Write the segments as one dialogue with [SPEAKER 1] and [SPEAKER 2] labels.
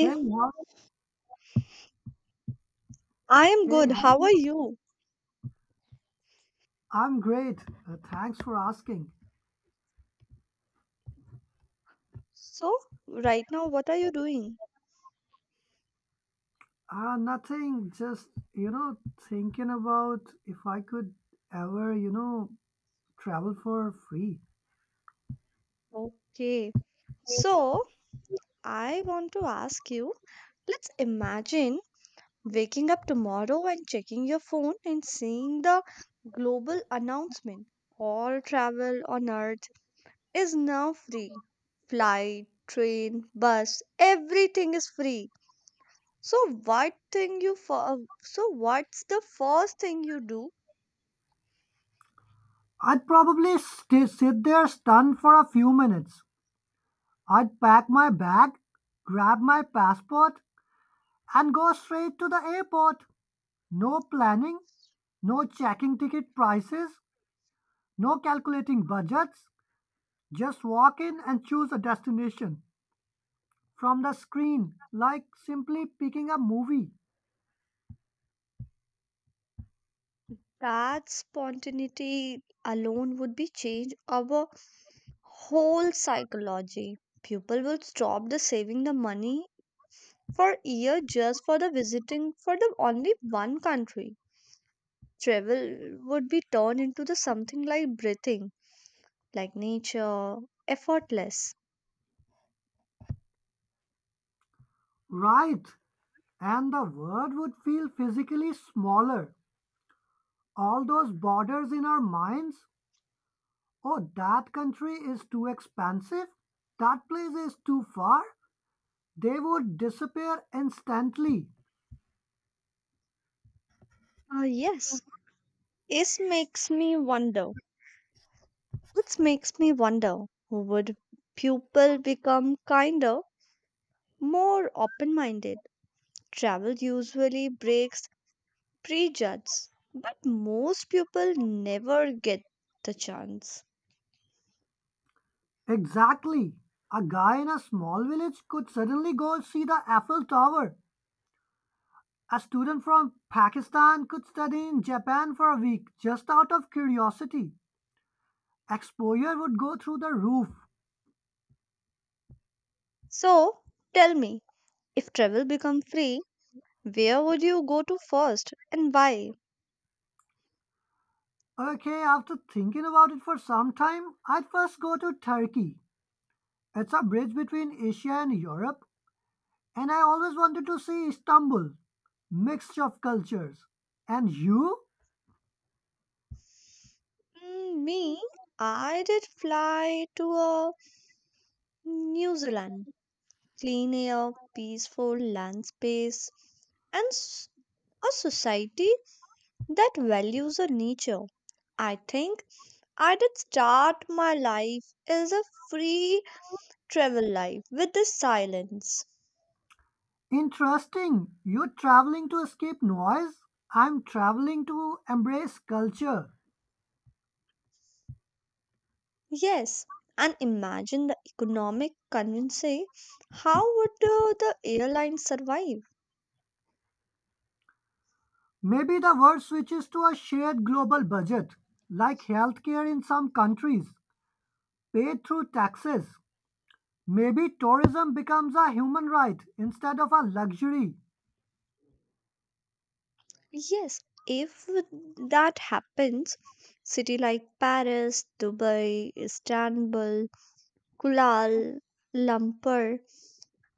[SPEAKER 1] Hey, how,
[SPEAKER 2] I am
[SPEAKER 1] hey,
[SPEAKER 2] good.
[SPEAKER 1] how, are
[SPEAKER 2] How
[SPEAKER 1] you?
[SPEAKER 2] are you?
[SPEAKER 1] I'm great. Thanks for asking.
[SPEAKER 2] So, right now, what are you doing?
[SPEAKER 1] Nothing, just, you know, thinking about if I could ever travel for free.
[SPEAKER 2] Okay. So, I want to ask you, let's imagine waking up tomorrow and checking your phone and seeing the global announcement. All travel on Earth is now free. Flight, train, bus, everything is free. So so what's the first thing you do?
[SPEAKER 1] I'd probably sit there stunned for a few minutes. I'd pack my bag, grab my passport, and go straight to the airport. No planning, no checking ticket prices, no calculating budgets. Just walk in and choose a destination from the screen, like simply picking a movie.
[SPEAKER 2] That spontaneity alone would be change our whole psychology. People would stop the saving the money for year just for the visiting for the only one country. Travel would be turned into the something like breathing, like nature, effortless.
[SPEAKER 1] Right, and the world would feel physically smaller. All those borders in our minds: oh, that country is too expansive, that place is too far, they would disappear instantly.
[SPEAKER 2] Yes, this makes me wonder. It makes me wonder. Would people become kinder, more open-minded? Travel usually breaks prejudge, but most people never get the chance.
[SPEAKER 1] Exactly. A guy in a small village could suddenly go see the Eiffel Tower. A student from Pakistan could study in Japan for a week just out of curiosity. Exposure would go through the roof.
[SPEAKER 2] So tell me, if travel become free, where would you go to first and why?
[SPEAKER 1] Okay, after thinking about it for some time, I'd first go to Turkey. It's a bridge between Asia and Europe, and I always wanted to see Istanbul. Mixture of cultures. And you?
[SPEAKER 2] Me, I did fly to New Zealand, clean air, peaceful land space, and a society that values the nature. I think I did start my life as a free travel life with the silence.
[SPEAKER 1] Interesting. You're traveling to escape noise. I'm traveling to embrace culture.
[SPEAKER 2] Yes, and imagine the economic conversation. How would the airline survive?
[SPEAKER 1] Maybe the word switches to a shared global budget, like healthcare in some countries, paid through taxes. Maybe tourism becomes a human right instead of a luxury.
[SPEAKER 2] Yes, if that happens, city like Paris, Dubai, Istanbul, Kuala Lumpur,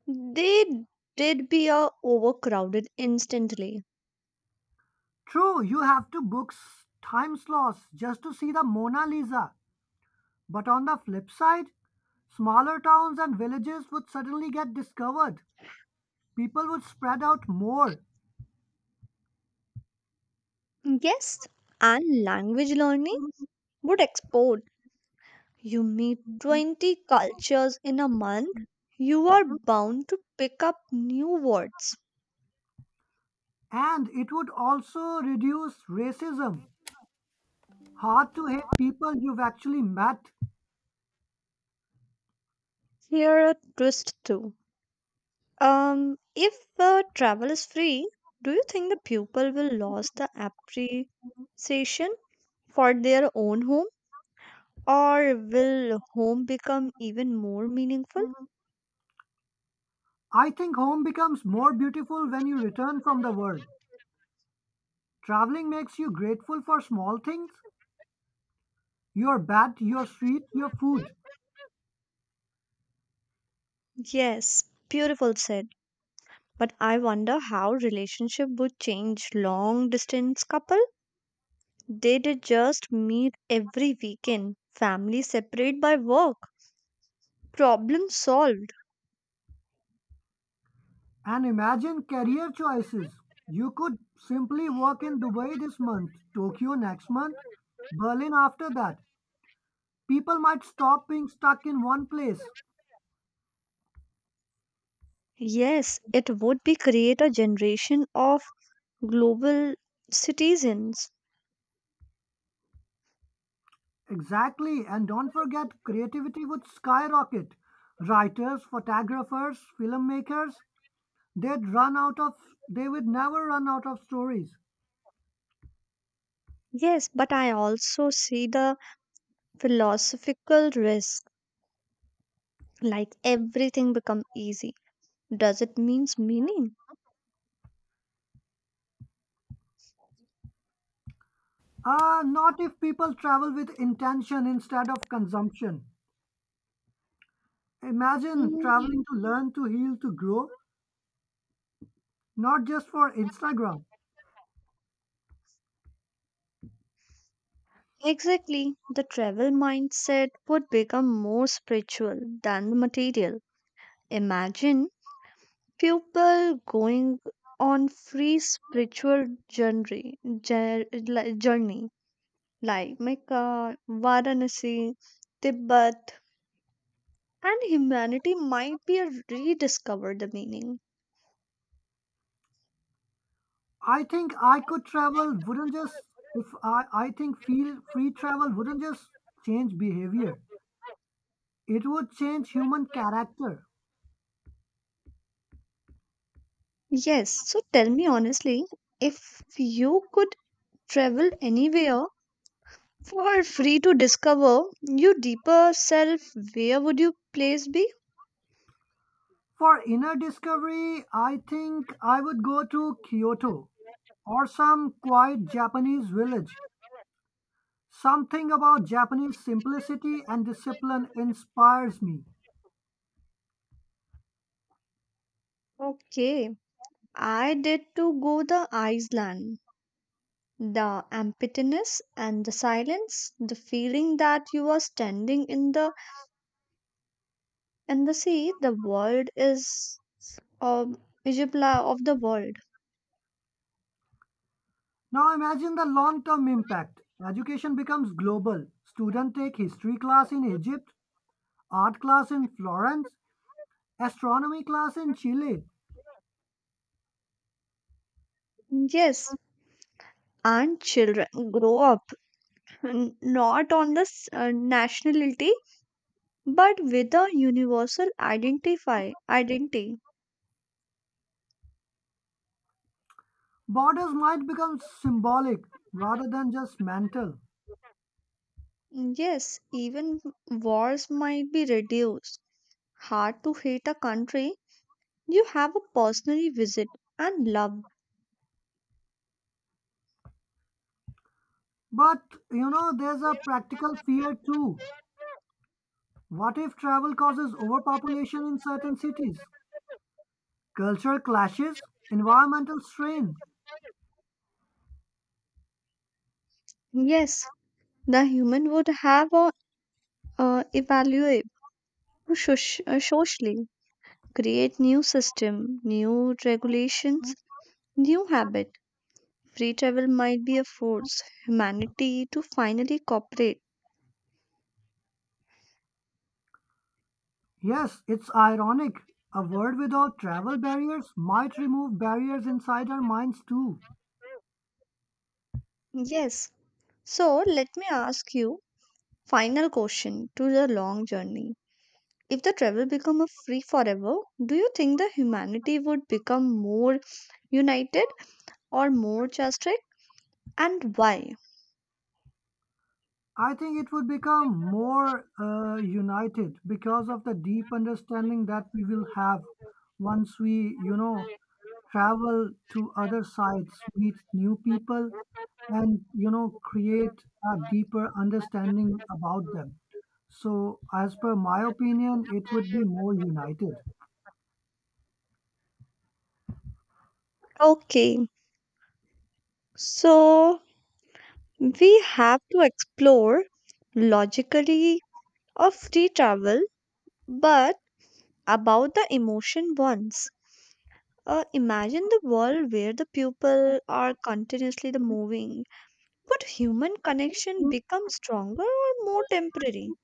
[SPEAKER 2] they did be overcrowded instantly.
[SPEAKER 1] True, you have to book time slots just to see the Mona Lisa. But on the flip side, smaller towns and villages would suddenly get discovered. People would spread out more.
[SPEAKER 2] Yes, and language learning would explode. You meet 20 cultures in a month, you are bound to pick up new words.
[SPEAKER 1] And it would also reduce racism. Hard to hate people you've actually met.
[SPEAKER 2] Here a twist too. If travel is free, do you think the pupil will lose the appreciation for their own home, or will home become even more meaningful?
[SPEAKER 1] I think home becomes more beautiful when you return from the world. Traveling makes you grateful for small things. Your bath, your street, your food.
[SPEAKER 2] Yes, beautiful said. But I wonder how relationship would change long distance couple. They did just meet every weekend, family separate by work, problem solved.
[SPEAKER 1] And imagine career choices. You could simply work in Dubai this month, Tokyo next month, Berlin after that. People might stop being stuck in one place.
[SPEAKER 2] Yes, it would be create a generation of global citizens.
[SPEAKER 1] Exactly, and don't forget, creativity would skyrocket. Writers, photographers, filmmakers, they'd run out of, they would never run out of stories.
[SPEAKER 2] Yes, but I also see the philosophical risk, like everything become easy. Does it means meaning?
[SPEAKER 1] Ah, not if people travel with intention instead of consumption. Imagine
[SPEAKER 2] Mm, yeah.
[SPEAKER 1] traveling to learn, to heal, to grow, not just for Instagram.
[SPEAKER 2] Exactly. The travel mindset would become more spiritual than the material. Imagine people going on free spiritual journey journey like Mecca, Varanasi, Tibet, and humanity might be a rediscover the meaning.
[SPEAKER 1] I think I could travel wouldn't just if I, I think feel free travel wouldn't just change behavior. It would change human character.
[SPEAKER 2] Yes, so tell me honestly, if you could travel anywhere for free to discover your deeper self, where would your place be?
[SPEAKER 1] For inner discovery, I think I would go to Kyoto or some quiet Japanese village. Something about Japanese simplicity and discipline inspires me.
[SPEAKER 2] Okay, I did to go the Iceland. The emptiness and the silence, the feeling that you are standing in the sea, the world is um Ijibla of the world.
[SPEAKER 1] Now imagine the long term impact. Education becomes global. Students take history class in Egypt, art class in Florence, astronomy class in Chile.
[SPEAKER 2] Yes, and children grow up not on the nationality but with a universal identify identity.
[SPEAKER 1] Borders might become symbolic rather than just mental.
[SPEAKER 2] Yes, even wars might be reduced. Hard to hate a country you have a personally visit and love.
[SPEAKER 1] But you know, there's a practical fear too. What if travel causes overpopulation in certain cities? Cultural clashes, environmental strain.
[SPEAKER 2] Yes, the human would have a evaluate socially, create new system, new regulations, new habit. Free travel might be a force humanity to finally cooperate.
[SPEAKER 1] Yes, it's ironic. A world without travel barriers might remove barriers inside our minds too.
[SPEAKER 2] Yes. So let me ask you final question to the long journey. If the travel become a free forever, do you think the humanity would become more united or more just, and why?
[SPEAKER 1] I think it would become more united because of the deep understanding that we will have once we travel to other sites, meet new people, and create a deeper understanding about them. So, as per my opinion, it would be more united.
[SPEAKER 2] Okay, so we have to explore logically of free travel, but about the emotion ones. Imagine the world where the people are continuously the moving. Would human connection become stronger or more temporary?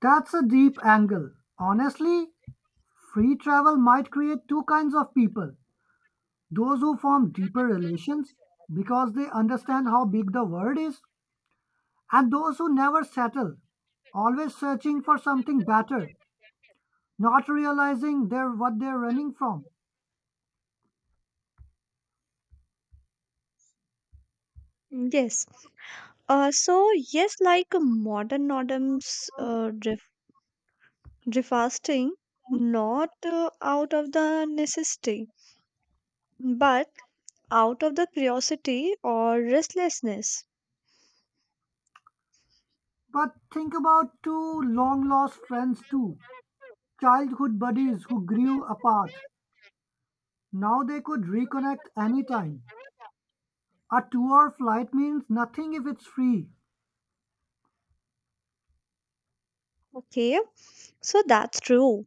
[SPEAKER 1] That's a deep angle. Honestly, free travel might create two kinds of people: those who form deeper relations because they understand how big the world is, and those who never settle, always searching for something better, not realizing they're what they're running from.
[SPEAKER 2] Yes. So yes, like modern norms, refasting, not out of the necessity, but out of the curiosity or restlessness.
[SPEAKER 1] But think about two long lost friends too, childhood buddies who grew apart. Now they could reconnect anytime. A 2 hour flight means nothing if it's free.
[SPEAKER 2] Okay, so that's true.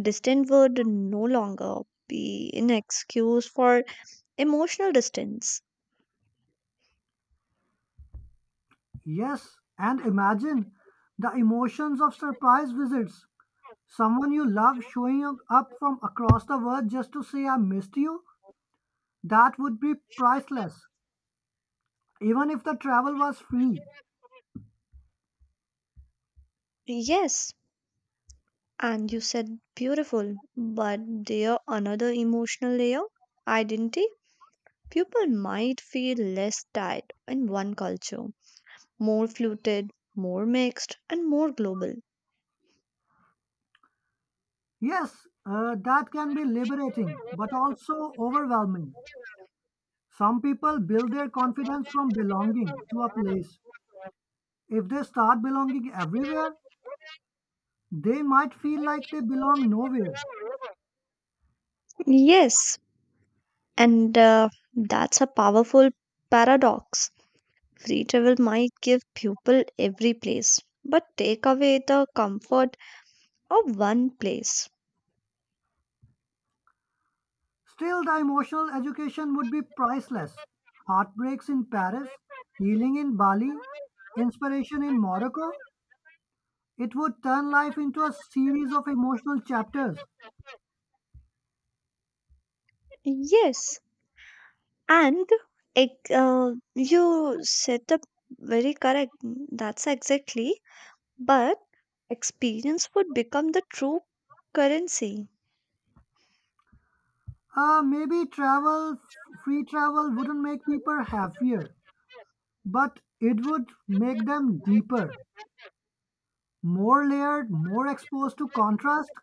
[SPEAKER 2] Distance would no longer be an excuse for emotional distance.
[SPEAKER 1] Yes, and imagine the emotions of surprise visits. Someone you love showing up from across the world just to say I missed you, that would be priceless, even if the travel was free.
[SPEAKER 2] Yes, and you said beautiful, but there another emotional layer identity. People might feel less tied in one culture, more fluted, more mixed, and more global.
[SPEAKER 1] Yes, that can be liberating, but also overwhelming. Some people build their confidence from belonging to a place. If they start belonging everywhere, they might feel like they belong nowhere.
[SPEAKER 2] Yes, and that's a powerful paradox. Free travel might give people every place, but take away the comfort of one place.
[SPEAKER 1] Still, the emotional education would be priceless. Heartbreaks in Paris, healing in Bali, inspiration in Morocco. It would turn life into a series of emotional chapters.
[SPEAKER 2] Yes, and ec- uh, you set up very correct. That's exactly. But experience would become the true currency.
[SPEAKER 1] Maybe free travel wouldn't make people happier, but it would make them deeper, more layered, more exposed to contrast,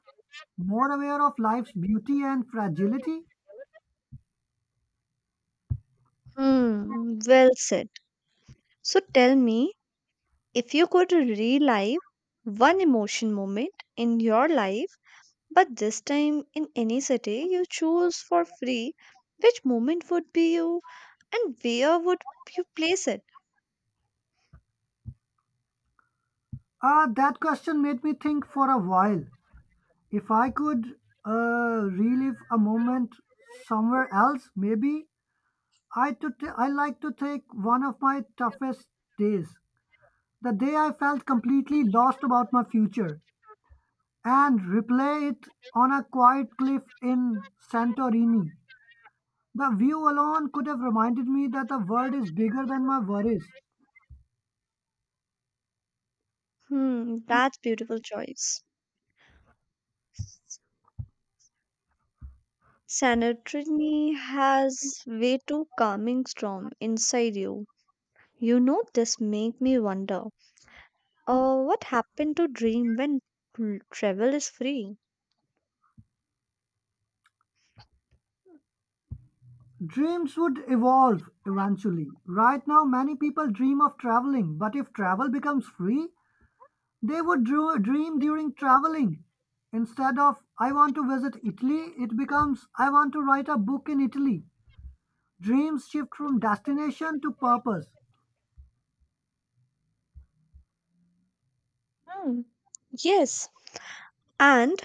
[SPEAKER 1] more aware of life's beauty and fragility.
[SPEAKER 2] Hmm, well said. So tell me, if you could relive one emotion moment in your life, but this time in any city you choose for free, which moment would be you and where would you place it?
[SPEAKER 1] That question made me think for a while. If I could relive a moment somewhere else, maybe I like to take one of my toughest days, the day I felt completely lost about my future, and replay it on a quiet cliff in Santorini. The view alone could have reminded me that the world is bigger than my worries.
[SPEAKER 2] Hmm, that's beautiful choice. Santorini has way too calming storm inside you. You know this make me wonder. What happened to dream when travel is free?
[SPEAKER 1] Dreams would evolve eventually. Right now, many people dream of traveling, but if travel becomes free, they would dream during traveling. Instead of I want to visit Italy, it becomes I want to write a book in Italy. Dreams shift from destination to purpose.
[SPEAKER 2] Hmm. Yes, and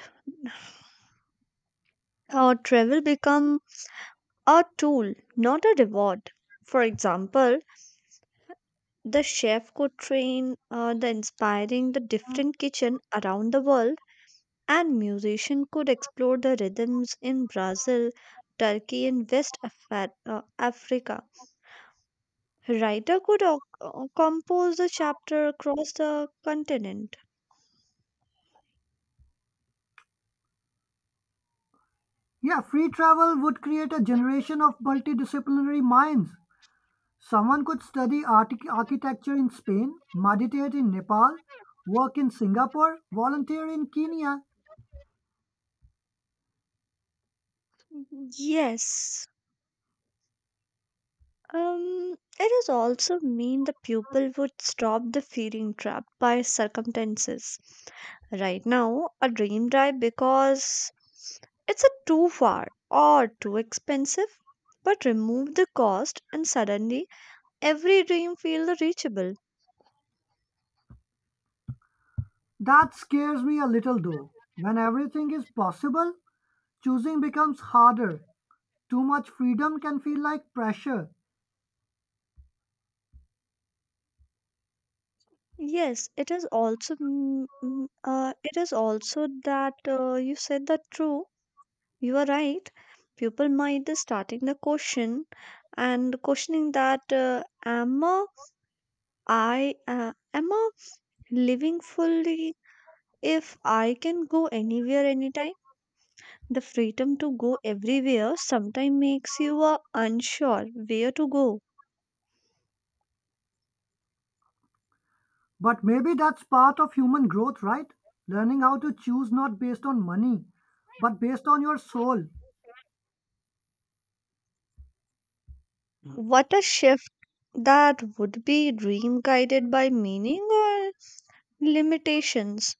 [SPEAKER 2] travel become a tool, not a reward. For example, the chef could train the inspiring the different kitchen around the world and musician could explore the rhythms in Brazil, Turkey and West Africa. Writer could compose a chapter across the continent.
[SPEAKER 1] Yeah, free travel would create a generation of multidisciplinary minds. Someone could study architecture in Spain, meditate in Nepal, work in Singapore, volunteer in Kenya.
[SPEAKER 2] Yes. It is also mean the pupil would stop the feeling trapped by circumstances. Right now, a dream drive because it's a too far or too expensive. But remove the cost and suddenly every dream feels reachable.
[SPEAKER 1] That scares me a little though. When everything is possible, choosing becomes harder. Too much freedom can feel like pressure.
[SPEAKER 2] Yes, it is also it is also that you said that true. You are right. People might be starting the question and questioning that am I living fully if I can go anywhere anytime? The freedom to go everywhere sometimes makes you unsure where to go.
[SPEAKER 1] But maybe that's part of human growth, right? Learning how to choose not based on money, but based on your soul.
[SPEAKER 2] Mm. What a shift that would be dream guided by meaning or limitations.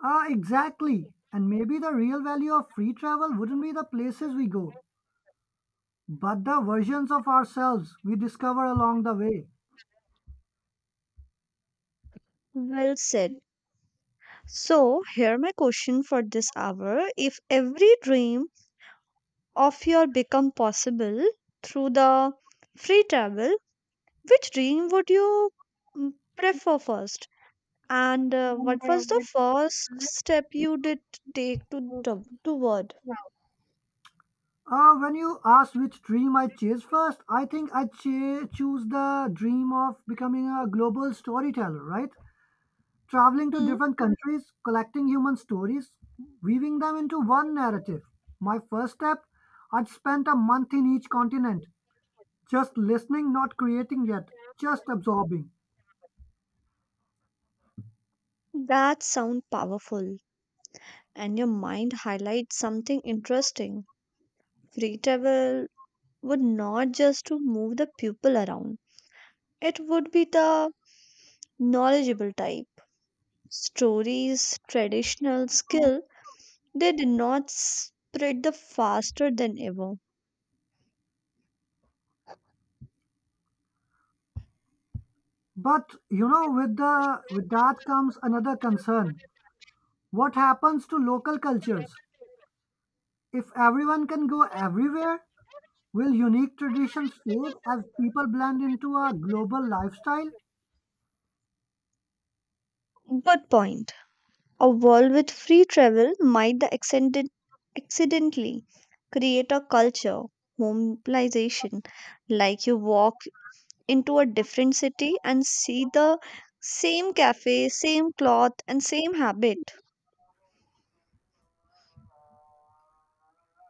[SPEAKER 1] Ah, exactly. And maybe the real value of free travel wouldn't be the places we go, but the versions of ourselves we discover along the way.
[SPEAKER 2] Well said. So, here my question for this hour. If every dream of your become possible through the free travel, which dream would you mm, prefer first? And what was the first step you did toward?
[SPEAKER 1] Ah, when you asked which dream I chase first, I think I choose the dream of becoming a global storyteller, right? Traveling to
[SPEAKER 2] Hmm,
[SPEAKER 1] different countries, collecting human stories, weaving them into one narrative. My first step, I'd spent a month in each continent, just listening, not creating yet, just absorbing.
[SPEAKER 2] that sound powerful, and your mind highlights something interesting. Free travel would not just to move the people around; it would be the knowledgeable type, stories, traditional skill, they did not spread the faster than ever.
[SPEAKER 1] But you know, with that comes another concern. What happens to local cultures? If everyone can go everywhere, will unique traditions fade as people blend into a global lifestyle?
[SPEAKER 2] Good point. A world with free travel might accidentally create a culture, homelization, like you walk into a different city and see the same cafe, same cloth, and same habit.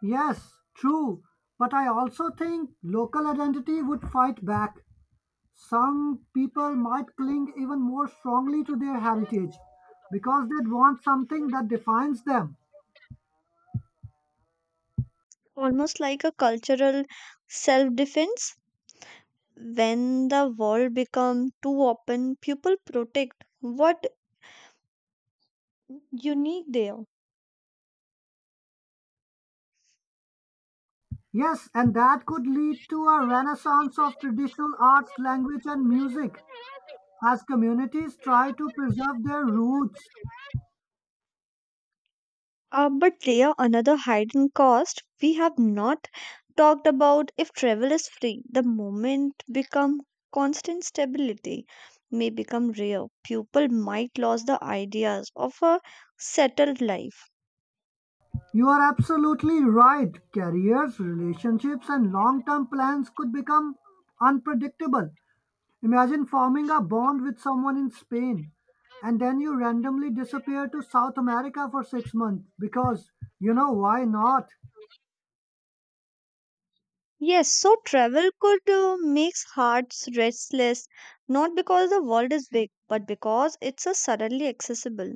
[SPEAKER 1] Yes, true. But I also think local identity would fight back. Some people might cling even more strongly to their heritage because they'd want something that defines them.
[SPEAKER 2] Almost like a cultural self defense. When the world become too open, people protect what unique there.
[SPEAKER 1] Yes, and that could lead to a renaissance of traditional arts, language, and music as communities try to preserve their roots.
[SPEAKER 2] But there another hidden cost we have not talked about. If travel is free, the moment become constant, stability may become rare, people might lose the ideas of a settled life.
[SPEAKER 1] You are absolutely right. Careers, relationships, and long term plans could become unpredictable. Imagine forming a bond with someone in Spain and then you randomly disappear to South America for 6 months because, you know, why not?
[SPEAKER 2] Yes, so travel could makes hearts restless, not because the world is big but because it's a suddenly accessible.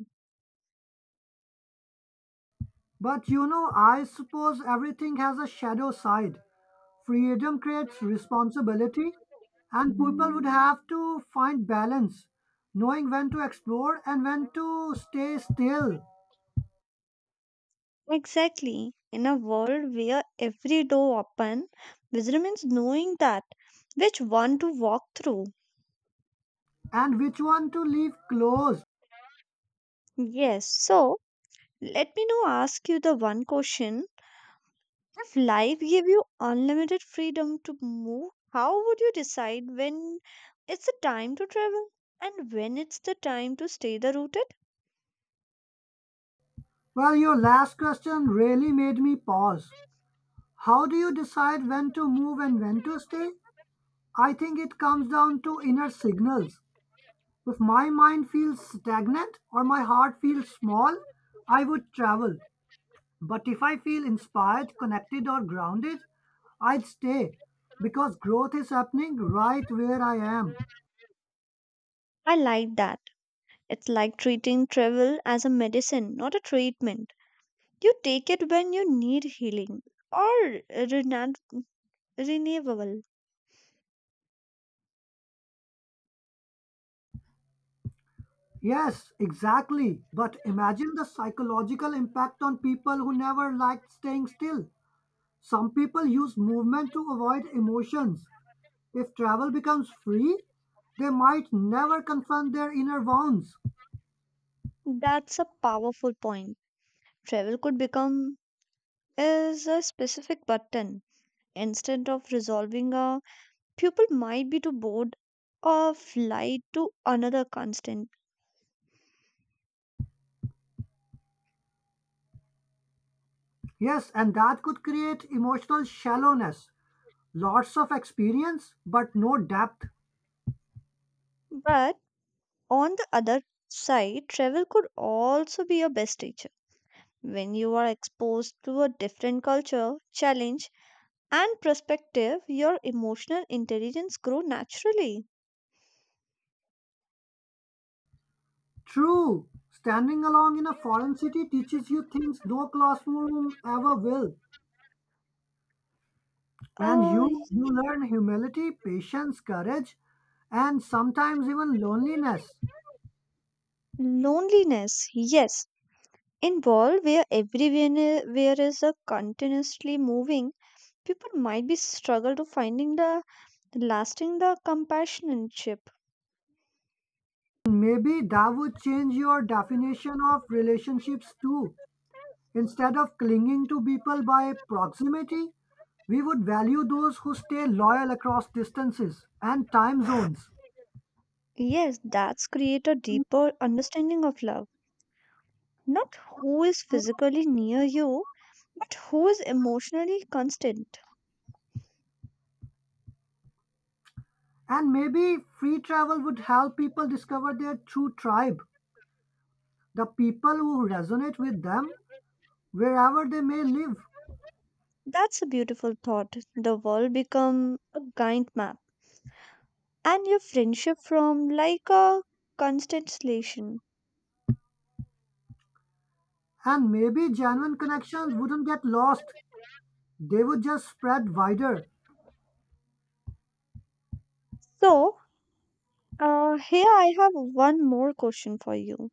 [SPEAKER 1] But you know, I suppose everything has a shadow side. Freedom creates responsibility, and people would have to find balance, knowing when to explore and when to stay still,
[SPEAKER 2] Exactly. In a world where every door open, wisdom means knowing that which one to walk through.
[SPEAKER 1] and which one to leave closed.
[SPEAKER 2] Yes. So let me now ask you the one question. If life gave you unlimited freedom to move, how would you decide when it's the time to travel and when it's the time to stay the rooted?
[SPEAKER 1] Well, your last question really made me pause. How do you decide when to move and when to stay? I think it comes down to inner signals. If my mind feels stagnant or my heart feels small, I would travel. But if I feel inspired, connected, or grounded, I will stay because growth is happening right where I am.
[SPEAKER 2] I like that. It's like treating travel as a medicine, not a treatment. You take it when you need healing or renewable.
[SPEAKER 1] Yes, exactly. But imagine the psychological impact on people who never liked staying still. Some people use movement to avoid emotions. If travel becomes free, they might never confront their inner wounds.
[SPEAKER 2] That's a powerful point. Travel could become is a specific button. Instead of resolving a pupil might be too bored or fly to another constant.
[SPEAKER 1] Yes, and that could create emotional shallowness. Lots of experience, but no depth.
[SPEAKER 2] But on the other side, travel could also be your best teacher. When you are exposed to a different culture, challenge, and perspective, your emotional intelligence grow naturally.
[SPEAKER 1] True, standing along in a foreign city teaches you things no classroom ever will. And
[SPEAKER 2] Uh,
[SPEAKER 1] you learn humility, patience, courage, and sometimes even loneliness.
[SPEAKER 2] loneliness, yes, in world where everyone where is a continuously moving, people might be struggle to finding the lasting the companionship.
[SPEAKER 1] Maybe that would change your definition of relationships too. Instead of clinging to people by proximity, we would value those who stay loyal across distances and time zones.
[SPEAKER 2] Yes, that's create a deeper understanding of love, not who is physically near you but who is emotionally constant.
[SPEAKER 1] And maybe free travel would help people discover their true tribe, the people who resonate with them wherever they may live.
[SPEAKER 2] That's a beautiful thought. The world become a guide map and your friendship from like a constellation.
[SPEAKER 1] And maybe genuine connections wouldn't get lost, they would just spread wider.
[SPEAKER 2] So here I have one more question for you.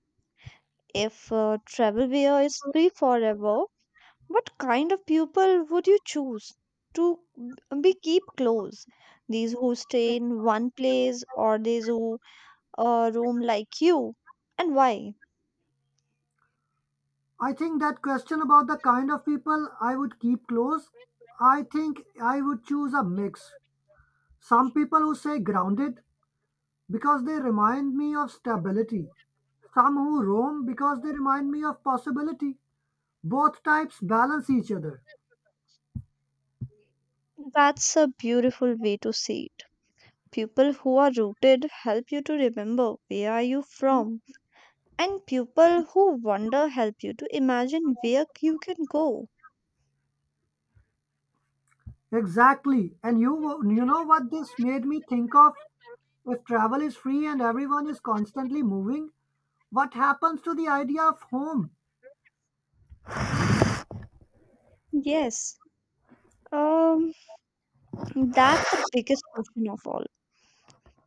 [SPEAKER 2] If travel beer is free forever, what kind of people would you choose to be keep close? These who stay in one place or these who roam like you? And why?
[SPEAKER 1] I think that question about the kind of people I would keep close, I think I would choose a mix. Some people who say grounded because they remind me of stability, some who roam because they remind me of possibility. Both types balance each other.
[SPEAKER 2] That's a beautiful way to see it. People who are rooted help you to remember where are you from, and people who wander help you to imagine where you can go.
[SPEAKER 1] Exactly. And you know what this made me think of? If travel is free and everyone is constantly moving, what happens to the idea of home?
[SPEAKER 2] Yes, um, that's the biggest question of all.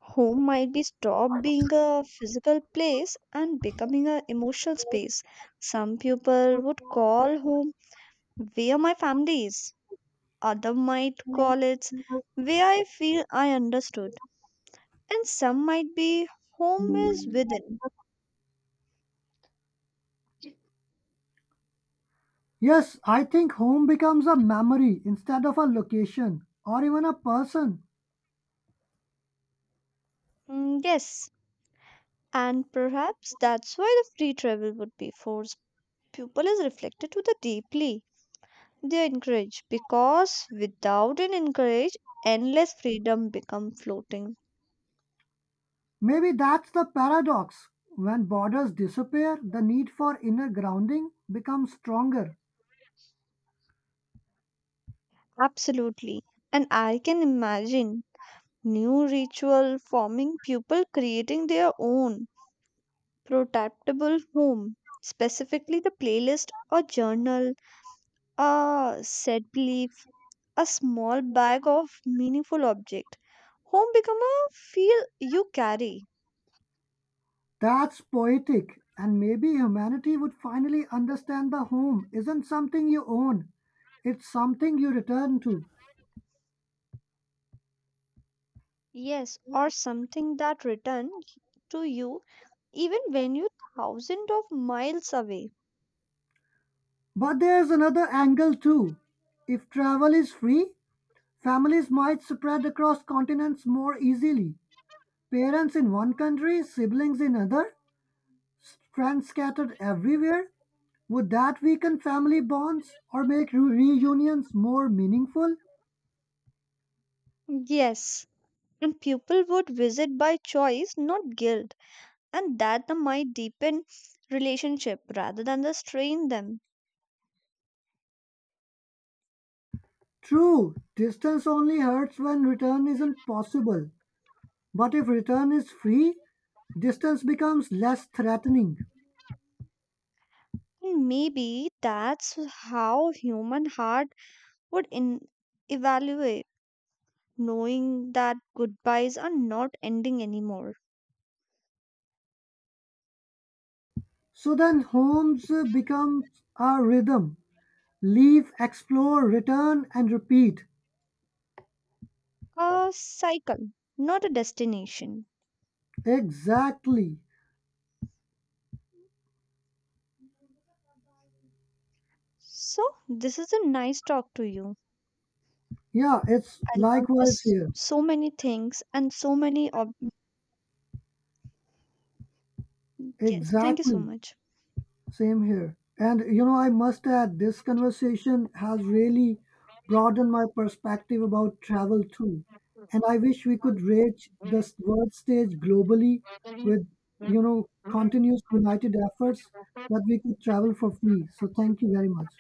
[SPEAKER 2] Home might be stop being a physical place and becoming an emotional space. Some people would call home where my family is, other might call it where I feel I understood, and some might be home is within.
[SPEAKER 1] Yes, I think home becomes a memory instead of a location or even a person.
[SPEAKER 2] Mm, yes, and perhaps that's why the free travel would be forced. Pupil is reflected to the deeply. They encourage because without an encourage, endless freedom become floating.
[SPEAKER 1] Maybe that's the paradox. When borders disappear, the need for inner grounding becomes stronger.
[SPEAKER 2] Absolutely. And I can imagine new ritual forming people creating their own protectable home, specifically the playlist, a journal, a set belief, a small bag of meaningful object. Home become a feel you carry.
[SPEAKER 1] That's poetic, and maybe humanity would finally understand the home isn't something you own, it's something you return to.
[SPEAKER 2] Yes, or something that return to you even when you thousands of miles away.
[SPEAKER 1] But there's another angle too. If travel is free, families might spread across continents more easily; parents in one country, siblings in another, friends scattered everywhere. Would that weaken family bonds or make reunions more meaningful?
[SPEAKER 2] Yes, and people would visit by choice, not guilt, and that the might deepen relationship rather than the strain them.
[SPEAKER 1] True, distance only hurts when return isn't possible. But if return is free, distance becomes less threatening.
[SPEAKER 2] And maybe that's how human heart would in evaluate, knowing that goodbyes are not ending anymore.
[SPEAKER 1] So then homes become our rhythm. Leave, explore, return, and repeat.
[SPEAKER 2] A cycle, not a destination.
[SPEAKER 1] Exactly.
[SPEAKER 2] So this is a nice talk to you.
[SPEAKER 1] Yeah, it's
[SPEAKER 2] I learned
[SPEAKER 1] likewise
[SPEAKER 2] this
[SPEAKER 1] here.
[SPEAKER 2] so many things and so many yes, thank you so
[SPEAKER 1] Exactly.
[SPEAKER 2] much.
[SPEAKER 1] Same here. And you know, I must add, this conversation has really broadened my perspective about travel too. And I wish we could reach the world stage globally with, you know, continuous united efforts that we could travel for free. So thank you very much.